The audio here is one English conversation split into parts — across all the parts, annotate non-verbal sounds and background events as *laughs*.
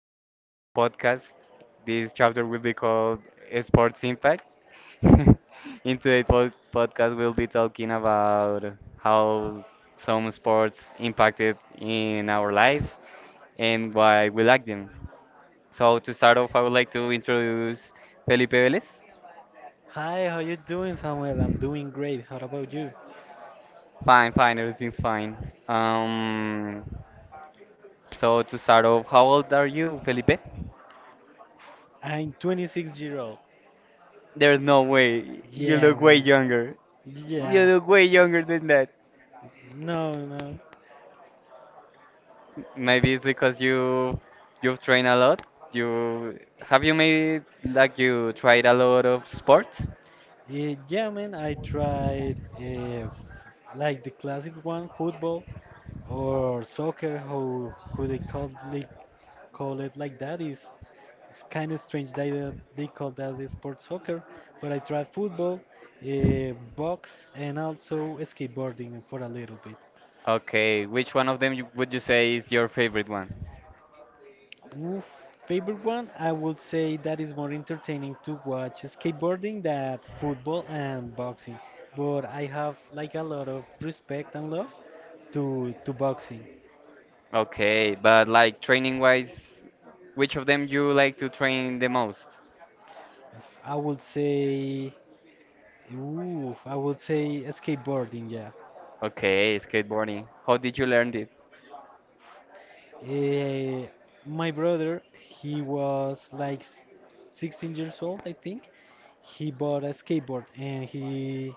to our new podcast. This chapter will be called Sports Impact. *laughs* In today's podcast, we'll be talking about how some sports impacted in our lives and why we like them. So to start off, I would like to introduce Felipe Velez. Hi, how you doing, Samuel? I'm doing great. How about you? Fine, fine, everything's fine. Um, so to start off, how old are you, Felipe? I'm 26-year-old. There's no way. You Yeah, look way man. younger. You Yeah. look way younger than that. No, no. Maybe it's because you've trained a lot. You have you made like you tried a lot of sports? Yeah, man. I tried like the classic one, football or soccer. How Who they call it, like that is it's kind of strange that they call that the sport soccer. But I tried football, box, and also skateboarding for a little bit. Okay, which one of them would you say is your favorite one? Oof, favorite one, I would say that is more entertaining to watch skateboarding than football and boxing. But I have like a lot of respect and love to boxing. Okay, but like training wise, which of them you like to train the most? Oof, I would say, skateboarding. Yeah. Okay, skateboarding. How did you learn it? Eh, my brother, he was like 16 years old, I think. He bought a skateboard, and he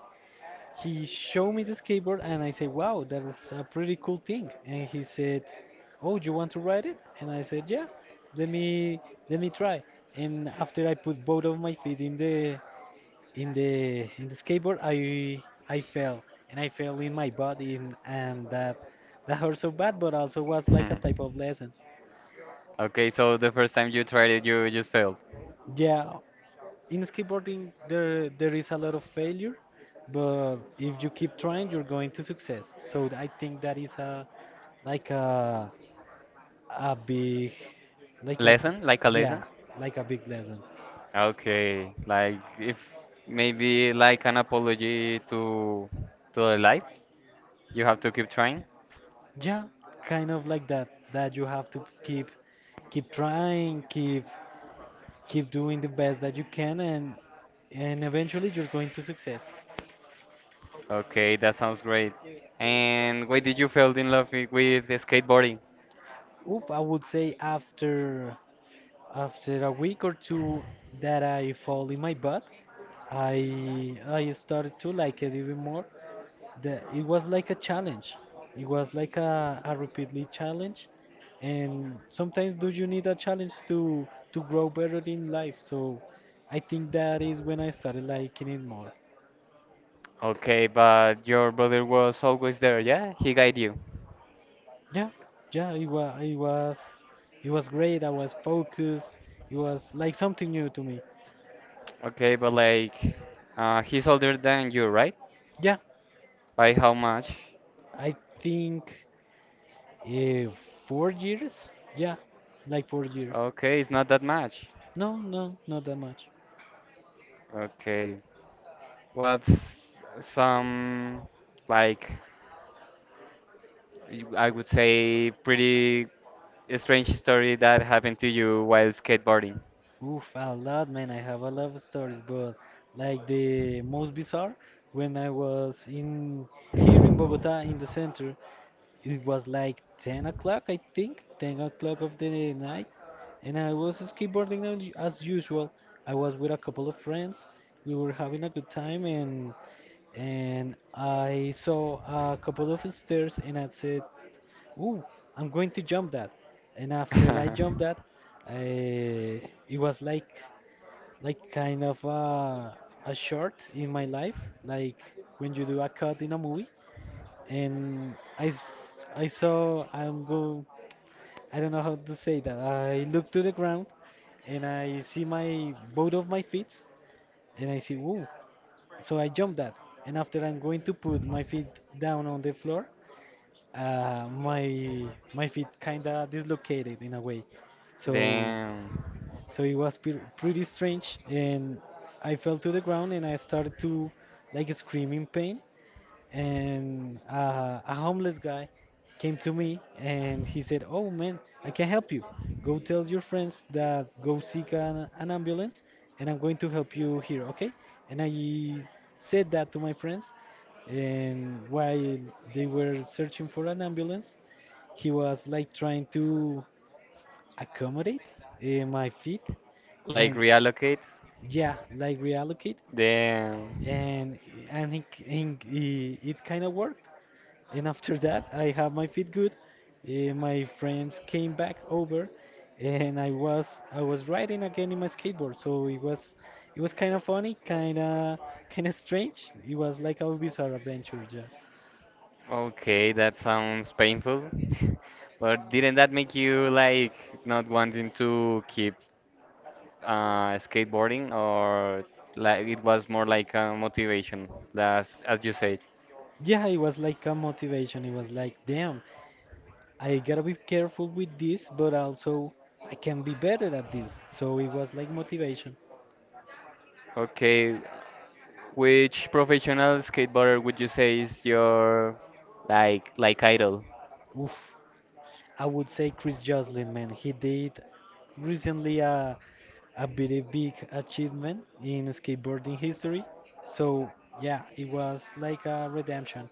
He showed me the skateboard, and I said, "Wow, that is a pretty cool thing." And he said, "Oh, you want to ride it?" And I said, "Yeah, let me try." And after I put both of my feet in the skateboard, I fell, and I fell in my body, and that hurt so bad, but also was like a type of *laughs* lesson. Okay, so the first time you tried it, you just failed. Yeah, in skateboarding, there is a lot of failure, but if you keep trying, you're going to success. So I think that is a like a big like a Lesson? Like a lesson? yeah, like a big lesson. Okay, like if maybe like an apology to the life, you have to keep trying. Yeah kind of like that, you have to keep trying, keep doing the best that you can, and eventually you're going to success. Okay, that sounds great. And why did you fell in love with the skateboarding? Oof, I would say, after a week or two that I fall in my butt, I started to like it even more. It was like a challenge. It was like a repeatedly challenge. And sometimes do you need a challenge to grow better in life? So I think that is when I started liking it more. Okay, but your brother was always there, yeah? He guide you. Yeah, yeah, it was great. I was focused. It was like something new to me. Okay, but like he's older than you, right? Yeah, By how much? I think. Uh, 4 years? Yeah, like 4 years. Okay, it's not that much. No, no, not that much. Okay. What's some like I would say pretty strange story that happened to you while skateboarding? Oof, a lot, man. I have a lot of stories, but like the most bizarre, when I was in here in Bogota in the center, it was like 10 o'clock, I think, 10 o'clock of the night, and I was skateboarding as usual. I was with a couple of friends. We were having a good time, and I saw a couple of stairs, and I said, "Ooh, I'm going to jump that." And after I jumped *laughs* that, I, it was like kind of a short in my life, like when you do a cut in a movie. And I, s- I saw, I'm go, I don't know how to say that. I look to the ground and I see my both of my feet and I see, "Ooh." So I jump that. And after I'm going to put my feet down on the floor, my feet kinda dislocated in a way, so Damn. It was pretty strange, and I fell to the ground and I started to like scream in pain, and a homeless guy came to me and he said, "Oh man, I can help you. Go tell your friends that go seek an ambulance, and I'm going to help you here, okay?" And I said that to my friends, and while they were searching for an ambulance, he was like trying to accommodate my feet, Like and reallocate? yeah, like reallocate, Damn. and and it kind of worked. And after that, I have my feet good. My friends came back over, and I was riding again in my skateboard. So it was kind of funny, kind of strange. It was like a bizarre adventure, yeah. Okay, that sounds painful. *laughs* But didn't that make you like not wanting to keep skateboarding or like it was more like a motivation, as you said? Yeah, it was like a motivation. It was like, "Damn, I gotta be careful with this, but also I can be better at this." So it was like motivation. Okay, which professional skateboarder would you say is your like idol? Oof. I would say Chris Joslin, man. He did recently a very big achievement in skateboarding history. So yeah, it was like a redemption.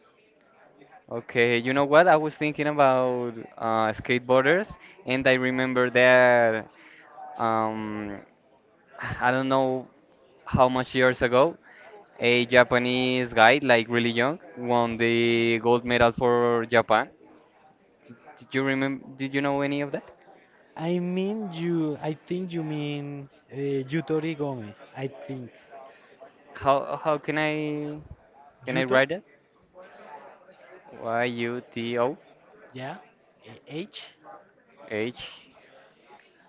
Okay, you know what? I was thinking about skateboarders, and I remember that um, I don't know how much years ago, a Japanese guy, like really young, won the gold medal for Japan. Did you remember? Did you know any of that? I mean you. I think you mean Yuto Origome, I think. How can I Yuto. write it? Y U T O Yeah. H. H.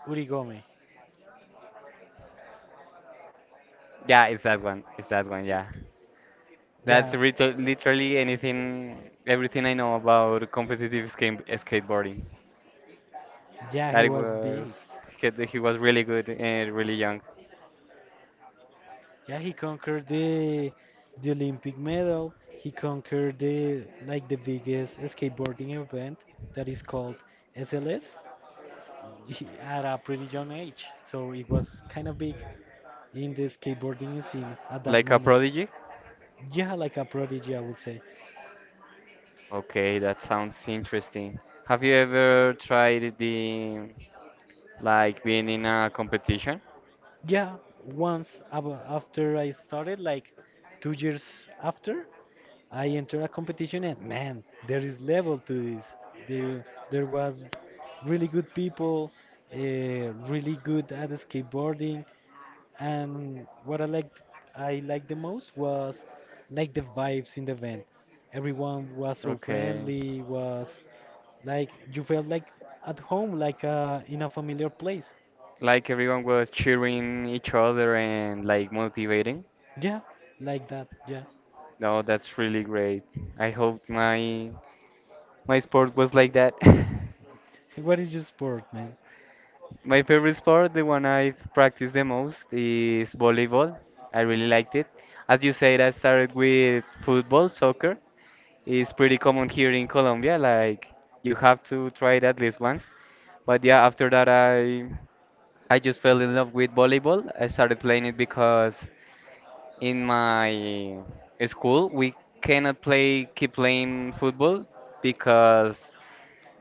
Origome. Yeah, it's that one. It's that one. Yeah. Yeah. Literally anything, everything I know about competitive skateboarding. Yeah, That he it was was, big. he was really good and really young. Yeah, he conquered the Olympic medal. He conquered the like the biggest skateboarding event that is called SLS at a pretty young age. So it was kind of big in the skateboarding scene at that Like a moment. prodigy? Yeah, like a prodigy, I would say. Okay, that sounds interesting. Have you ever tried like being in a competition? Yeah, once after I started, like 2 years after, I entered a competition, and man, there is level to this. There, there was really good people, really good at skateboarding, and I liked the most was like the vibes in the event. Everyone was so Okay. friendly, was like you felt like at home, like in a familiar place. Like everyone was cheering each other and like motivating? Yeah, like that. Yeah. No, that's really great. I hope my sport was like that. *laughs* *laughs* What is your sport, man? My favorite sport, the one I've practiced the most, is volleyball. I really liked it. As you said, I started with football, soccer. It's pretty common here in Colombia, like you have to try it at least once. But yeah, after that I just fell in love with volleyball. I started playing it because in my school we cannot play keep playing football because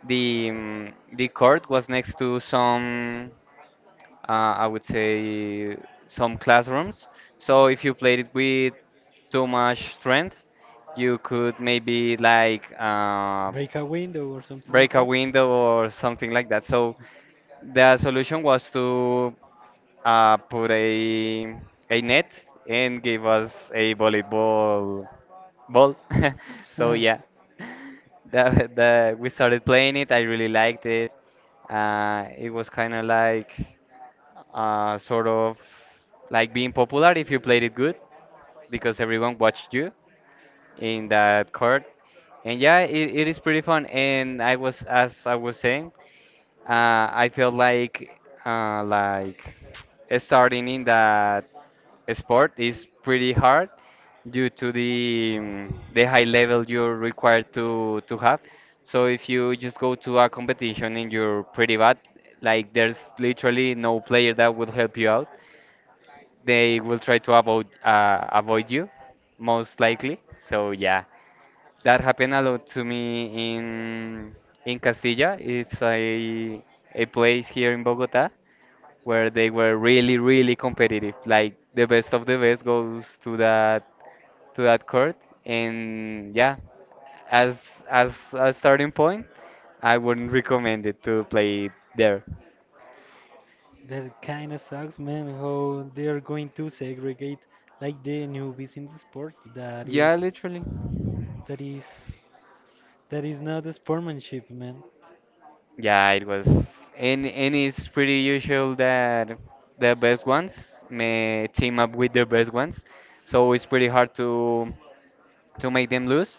the court was next to some I would say some classrooms. So if you played it with too much strength, you could maybe Break a window or something like break a window or something like that. So the solution was to put a net and give us a volleyball ball. *laughs* So that? *laughs* yeah, the we started playing it. I really liked it. It was kind of sort of like being popular if you played it good because everyone watched you in that court. And yeah, it is pretty fun. And I was, as I was saying, I feel like starting in that sport is pretty hard due to the the high level you're required to have. So if you just go to a competition and you're pretty bad, like there's literally no player that will help you out. They will try to avoid avoid you most likely. So yeah, that happened a lot to me in Castilla. It's a place here in Bogota where they were really, really competitive. Like the best of the best goes to that court, and yeah, as as a starting point, I wouldn't recommend it to play it there. That kind of sucks, man. How they are going to segregate like the newbies in the sport. Yeah, literally. that is, that is not a sportsmanship, man. Yeah, it was, and it's pretty usual that the best ones may team up with the best ones, so it's pretty hard to make them lose,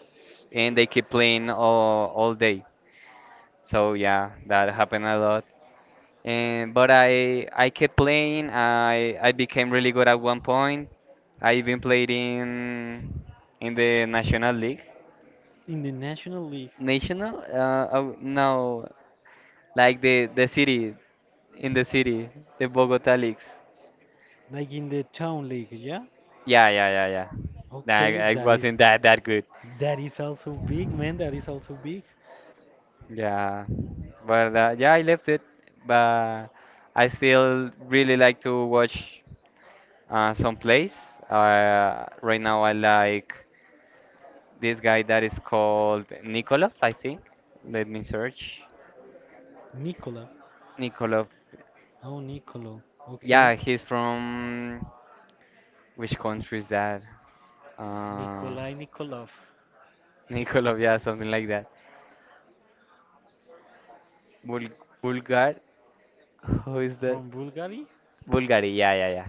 and they keep playing all day. So yeah, that happened a lot. And but I kept playing. I became really good at one point. I even played in the National League. In the national league, National? Oh, no. Like the city, in the city, the Bogota leagues. like in the town league, yeah. Yeah, yeah, yeah, yeah. Nah, Okay, I wasn't that good. that is also big, man. That is also big. Yeah, but yeah, I left it, but I still really like to watch some plays. Right now, I like this guy that is called Nikolov, I think. Let me search. Nikola, Nikolov. oh, Nikolo, okay. Yeah, he's from which country is that? Uh, Nikolai Nikolov *laughs* Nikolov, yeah, something like that. Bul Bulgar, who is that? from Bulgaria, Bulgari, yeah, yeah, yeah.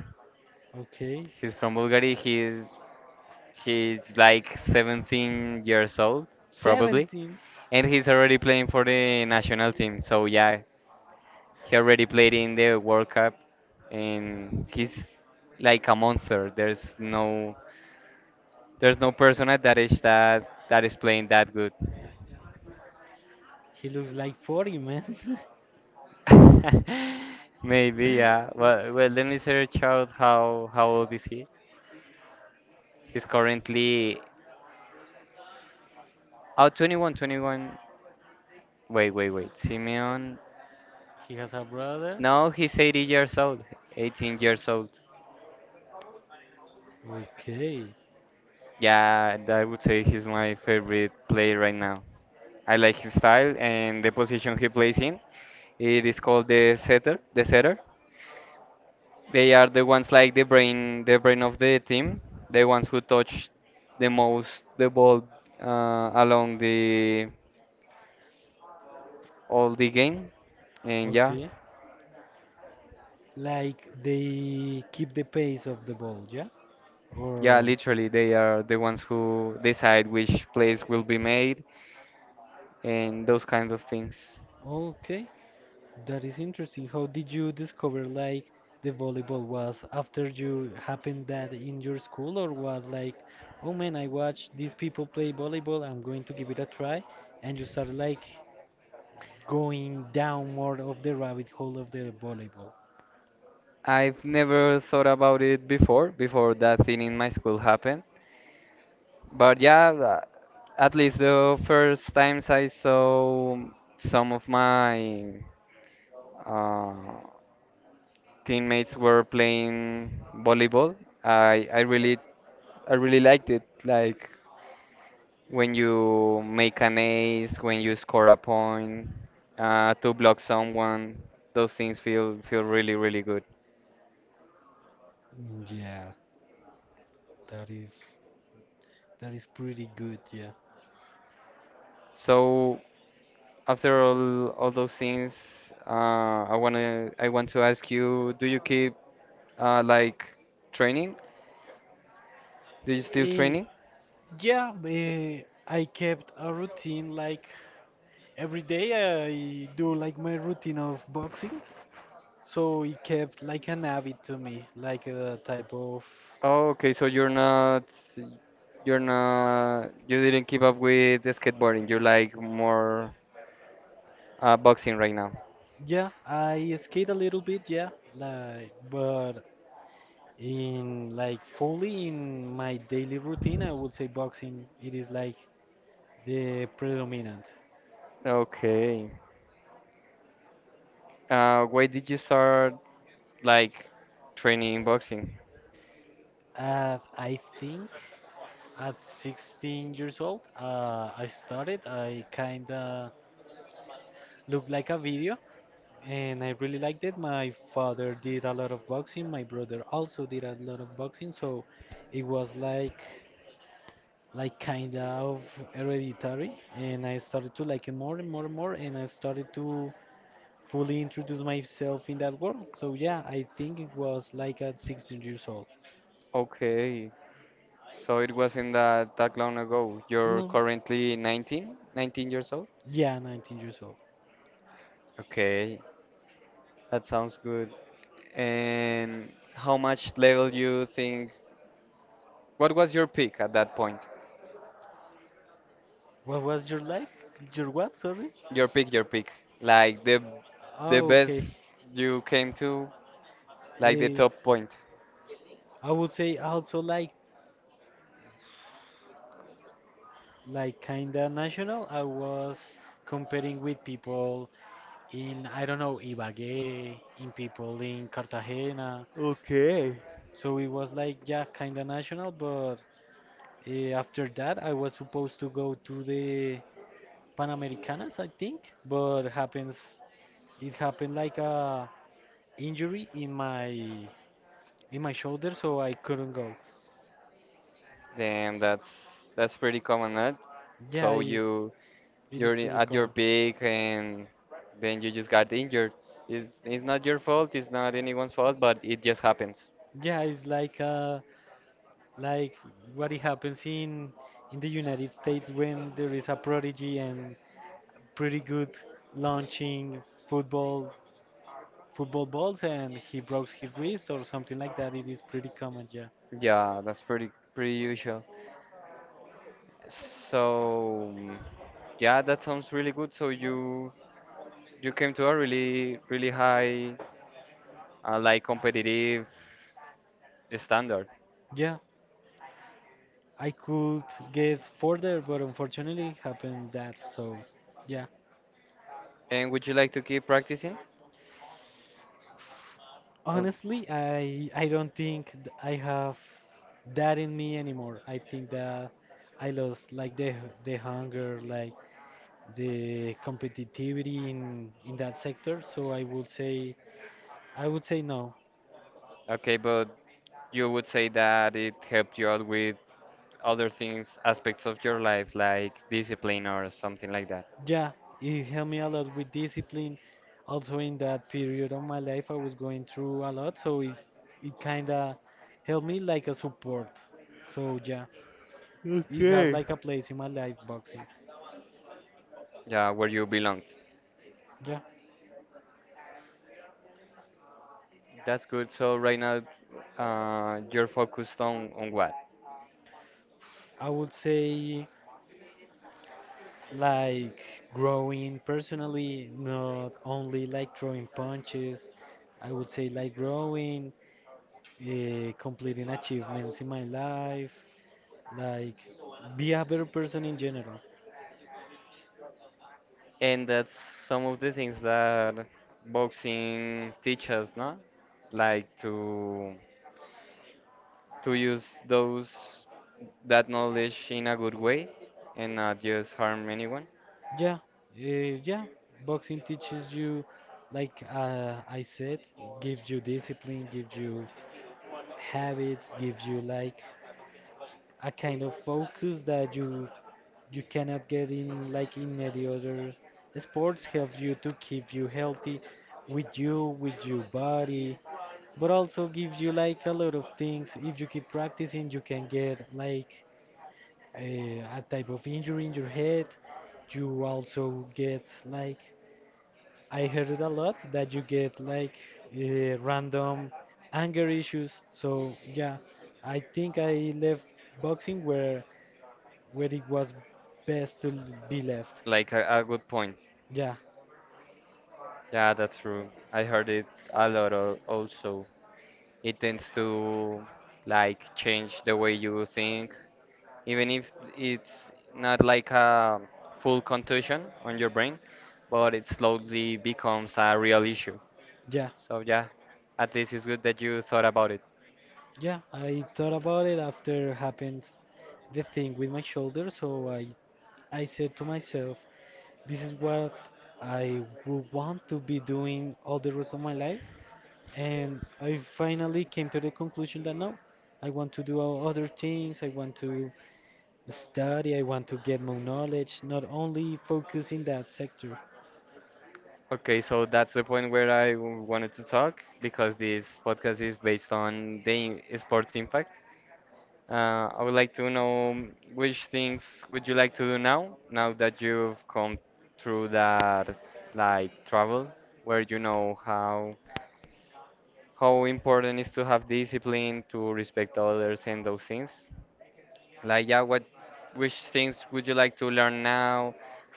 okay. He's from Bulgari. He's like 17 years old, probably, 17. and he's already playing for the national team. So yeah, he already played in the World Cup, and he's like a monster. There's no person at that age that is playing that good. He looks like 40, man. *laughs* Maybe, yeah. Well, well, let me search out how old is he. He's currently Oh, 21. Wait, wait, wait. Simeon. *laughs* He has a brother. No, he's 80 years old. 18 years old. Okay. Yeah, I would say he's my favorite player right now. I like his style and the position he plays in. It is called the setter. They are the ones like the brain of the team, the ones who touch the most the ball along the all the game. And yeah, Okay. Like they keep the pace of the ball, yeah? yeah, Or literally, they are the ones who decide which place will be made and those kinds of things. okay, that is interesting. How did you discover, like, the volleyball was after you happened that in your school, or was like, "Oh man, I watch these people play volleyball, I'm going to give it a try," and you start like going down more of the rabbit hole of the volleyball? I've never thought about it before, before that thing in my school happened. But yeah, at least the first times I saw some of my uh, teammates were playing volleyball, I, I really I really liked it. Like when you make an ace, when you score a point, to block someone, those things feel really really good. Mm, yeah, that is that is pretty good, yeah. So after all those things, I wanna I want to ask you, do you keep uh, like training? Do you still Eh, training? Yeah, I kept a routine, like every day I do like my routine of boxing. So it kept like an habit to me, like a type of, Oh, okay, so you're not you didn't keep up with the skateboarding. You're like more boxing right now. yeah, I skate a little bit, yeah, like, but in like fully in my daily routine, I would say boxing it is like the predominant. Okay. Why did you start? Like training in boxing. I think at 16 years old, I started. I kinda looked like a video, and I really liked it. My father did a lot of boxing. My brother also did a lot of boxing, so it was like kind of hereditary. And I started to like it more and more and more, and I started to fully introduce myself in that world. So yeah, I think it was like at 16 years old. Okay, so it wasn't that long ago. You're No, currently 19, 19 years old? yeah, 19 years old. Okay, that sounds good. And how much level you think? What was your peak at that point? What was your like? Your what? Sorry. Your peak. Like the Oh, best okay. you came to, like the Eh, top point. I would say also like kinda national. I was competing with people in, I don't know, Ibagué, in people in Cartagena. So it was like, yeah, kinda national. But after that, I was supposed to go to the Panamericanas, I think. But happens it happened like a injury in my shoulder, so I couldn't go. Damn, that's pretty common, right? Yeah, So you it is pretty at your common. peak and then you just got injured. It's not your fault, it's not anyone's fault, but it just happens. Yeah, it's like what it happens in the United States when there is a prodigy and pretty good launching football football balls and he broke his wrist or something like that. It is pretty common, yeah. Yeah, that's pretty pretty usual. So yeah, that sounds really good. So you came to a really really high like competitive standard. Yeah, I could get further, but unfortunately it happened that. So, yeah. And would you like to keep practicing? Or Honestly, I don't think I have that in me anymore. I think that I lost like the hunger, like the competitivity in that sector. So I would say no. okay, but you would say that it helped you out with other things, aspects of your life like discipline or something like that. Yeah, it helped me a lot with discipline. Also, in that period of my life, I was going through a lot, so it kind of helped me like a support. So yeah, it has like a place in my life, boxing. Yeah, where you belonged. Yeah, That's good. So right now, you're focused on what? I would say like growing personally, not only like throwing punches. I would say like growing, completing achievements in my life, like be a better person in general. And that's some of the things that boxing teaches, no? Like to use those that knowledge in a good way and not just harm anyone. Yeah, yeah. Boxing teaches you, like, I said, gives you discipline, gives you habits, gives you like a kind of focus that you cannot get in in any other sports. Helps you to keep you healthy with your body, but also gives you like a lot of things. If you keep practicing, you can get like a type of injury in your head. You also get like, I heard it a lot, that you get like random anger issues. So yeah, I think I left boxing where it was best to be left. Like a good point. Yeah, Yeah, that's true. I heard it a lot also. It tends to like change the way you think, even if it's not like a full contusion on your brain, but it slowly becomes a real issue. yeah, So yeah, at least it's good that you thought about it. yeah. I thought about it after happened the thing with my shoulder, so I said to myself, this is what I would want to be doing all the rest of my life. And I finally came to the conclusion that no, I want to do other things. I want to study. I want to get more knowledge, not only focus in that sector. Okay, so that's the point where wanted to talk because this podcast is based on the sports impact. I would like to know which things would you like to do now, now that you've come through that like travel, where you know how important is to have discipline to respect others and those things like yeah what which things would you like to learn now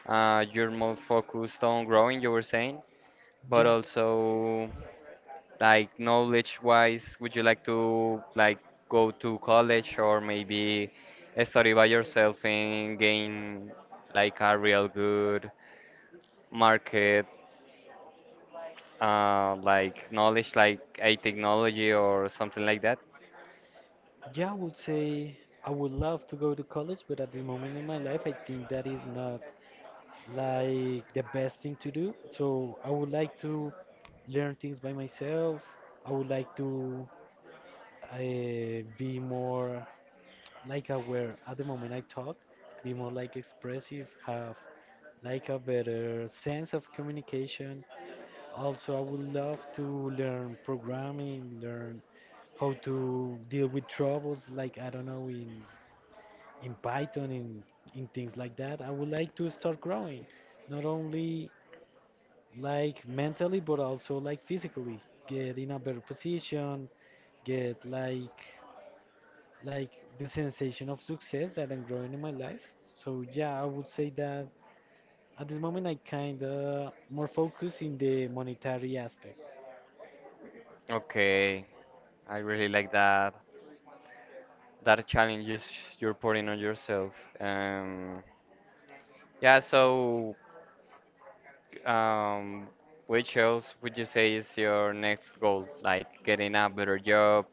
you're more focused on growing you were saying but Yeah. also like knowledge wise would you like to like go to college or maybe study by yourself and gain like a real good market like knowledge like a technology or something like that Yeah, I would say I would love to go to college, but at this moment in my life, I think that is not like the best thing to do. So I would like to learn things by myself. I would like to uh, be more like aware at the moment I talk, be more like expressive, have like a better sense of communication. Also, I would love to learn programming, learn how to deal with troubles like I don't know in Python, in things like that. I would like to start growing, not only like mentally but also like physically. Get in a better position, get like the sensation of success that I'm growing in my life. So yeah, I would say that at this moment I kind of more focus in the monetary aspect. okay I really like that challenges you're putting on yourself. Um, yeah, so um, which else would you say is your next goal? Like getting a better job,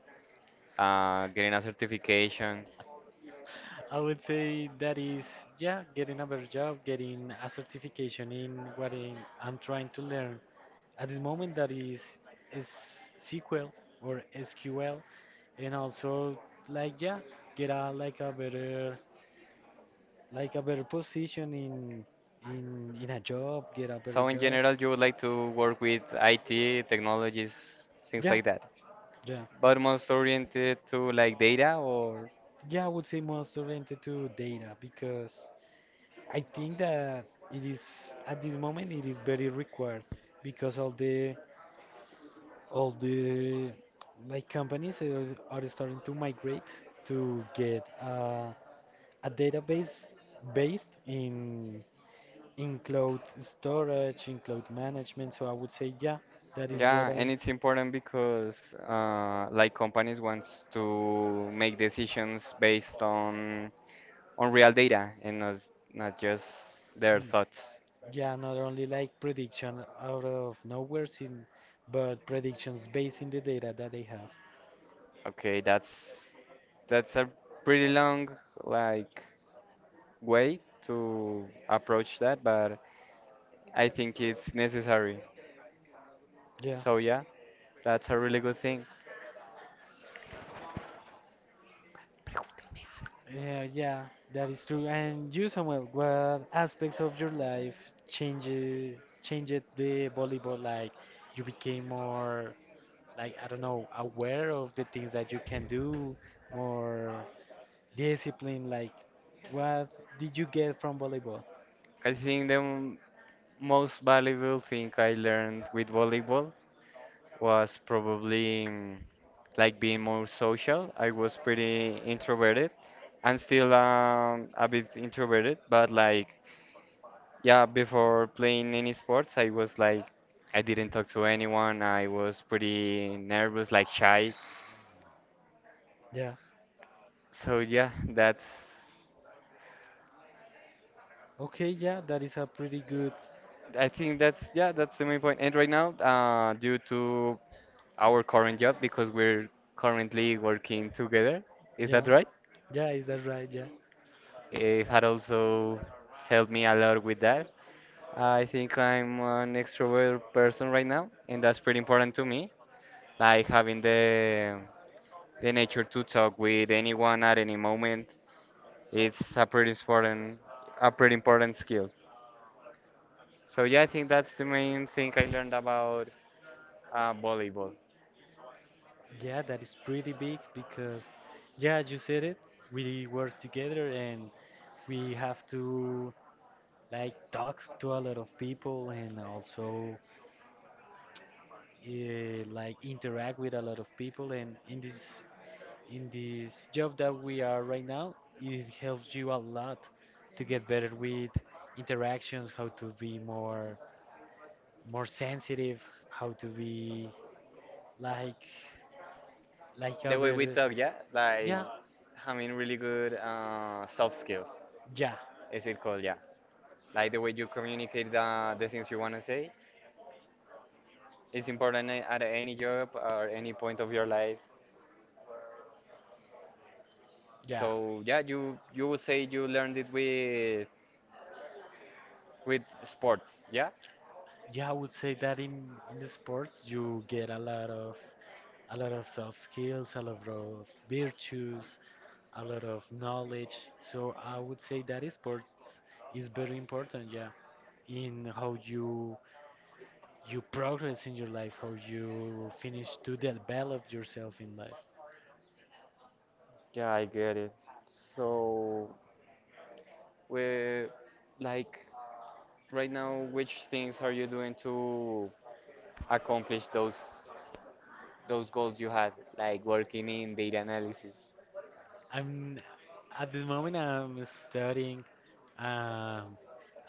getting a certification. I would say that is yeah, getting a better job, getting a certification in I'm trying to learn at this moment that is S SQL or SQL, and also like yeah, get a a better like a better position in in a job, get a better So in job. general, you would like to work with IT technologies, things Yeah, like that. yeah, But most oriented to like data or yeah. I would say most oriented to data because I think that it is at this moment it is very required because of the all the like are starting to migrate to get a database based in cloud storage, in cloud management. So I would say, yeah, that is what yeah, and I. it's important because like companies want to make decisions based on real data and not just their Mm. thoughts. Yeah, not only like prediction out of nowhere, but predictions based in the data that they have. Okay, that's a pretty long like way to approach that, but I think it's necessary. Yeah. So yeah, that's a really good thing. Yeah, yeah, that is true. And you, Samuel, what aspects of your life changes changed the volleyball? Like you became more, like I don't know, aware of the things that you can do, more disciplined. Like what did you get from volleyball? I think most valuable thing I learned with volleyball was probably like being more social. I was pretty introverted. I'm still a bit introverted, but like yeah, before playing any sports, I was like, I didn't talk to anyone. I was pretty nervous, like shy. Yeah. So yeah, Okay, yeah, that is a pretty good. I think yeah, that's the main point. And right now, due to our current job, because we're currently working together, is that Yeah. right? Yeah, is that right? Yeah. It had also helped me a lot with that. I think I'm an extrovert person right now, and that's pretty important to me. Like having the nature to talk with anyone at any moment. It's a pretty important skill. So yeah, I think that's the main thing I learned about volleyball. Yeah, that is pretty big because, yeah, you said it. We work together and we have to like talk to a lot of people and also like interact with a lot of people and in this job that we are right now it helps you a lot to get better with interactions, how to be more sensitive, how to be like like a The way we better, talk, yeah, like yeah, having really good soft skills, yeah, is it called? Yeah, like the way you communicate the things you want to say. It's important at any job or any point of your life. yeah. So yeah, you would say you learned it with sports, yeah? Yeah, I would say that in the sports you get a lot of soft skills, a lot of virtues, a lot of knowledge. So I would say that sports is very important, yeah, in how you progress in your life, how you finish to develop yourself in life. Yeah, I get it. So, we like right now, which things are you doing to accomplish those goals you had? Like working in data analysis. I'm At this moment I'm studying, um,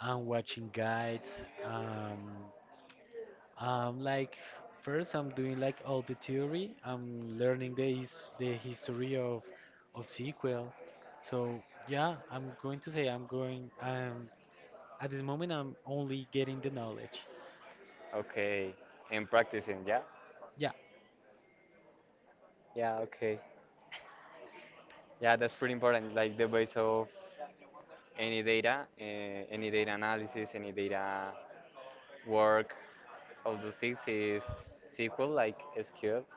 I'm watching guides. Um, like first, I'm doing like all the theory. I'm learning the history of SQL. So yeah, I'm going. At this moment, I'm only getting the knowledge. Okay, and practicing, yeah? Yeah. Yeah, okay. Yeah, that's pretty important. Like the base of any data analysis, any data work of those things is SQL.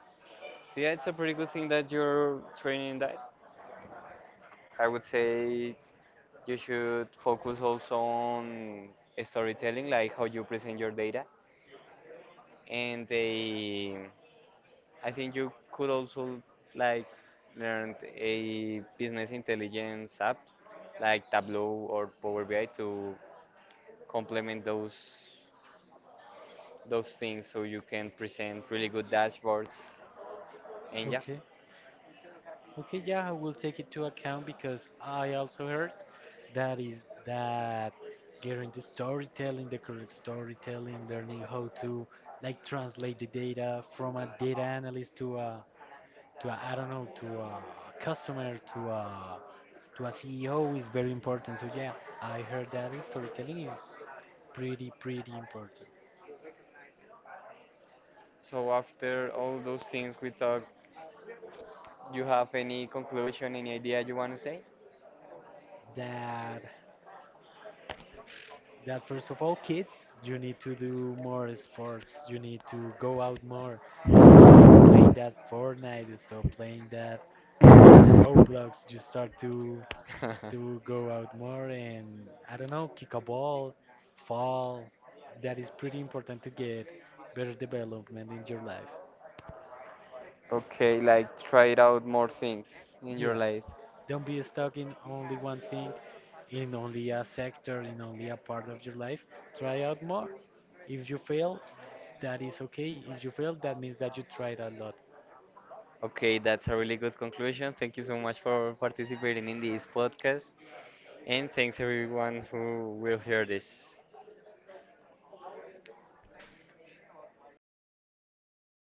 So yeah, it's a pretty good thing that you're training in that. I would say you should focus also on storytelling, like how you present your data. And they, I think you could also like learn a business intelligence app like Tableau or Power BI to complement those things so you can present really good dashboards. And yeah, Okay. Okay. Yeah, I will take it to account because I also heard that getting the storytelling, the correct storytelling, learning how to like translate the data from a data analyst to a, I don't know, to a customer to a CEO is very important. So yeah, I heard that storytelling is pretty important. so after all those things we talked, you have any conclusion, any idea you want to That that first of all, kids, you need to do more sports. You need to go out more. Stop playing that Fortnite. Stop playing that Roblox. You start to say? *laughs* Go out more and I don't know, kick a ball, fall. That is pretty important to get better development in your life. Okay, like tried out more things in your Yeah, life. don't be stuck in only one thing, in only a sector, in only a part of your life. Try out more. If you fail, that is okay. If you fail, that means that you tried a lot. Okay, that's a really good conclusion. Thank you so much for participating in this podcast, and thanks everyone who will hear this.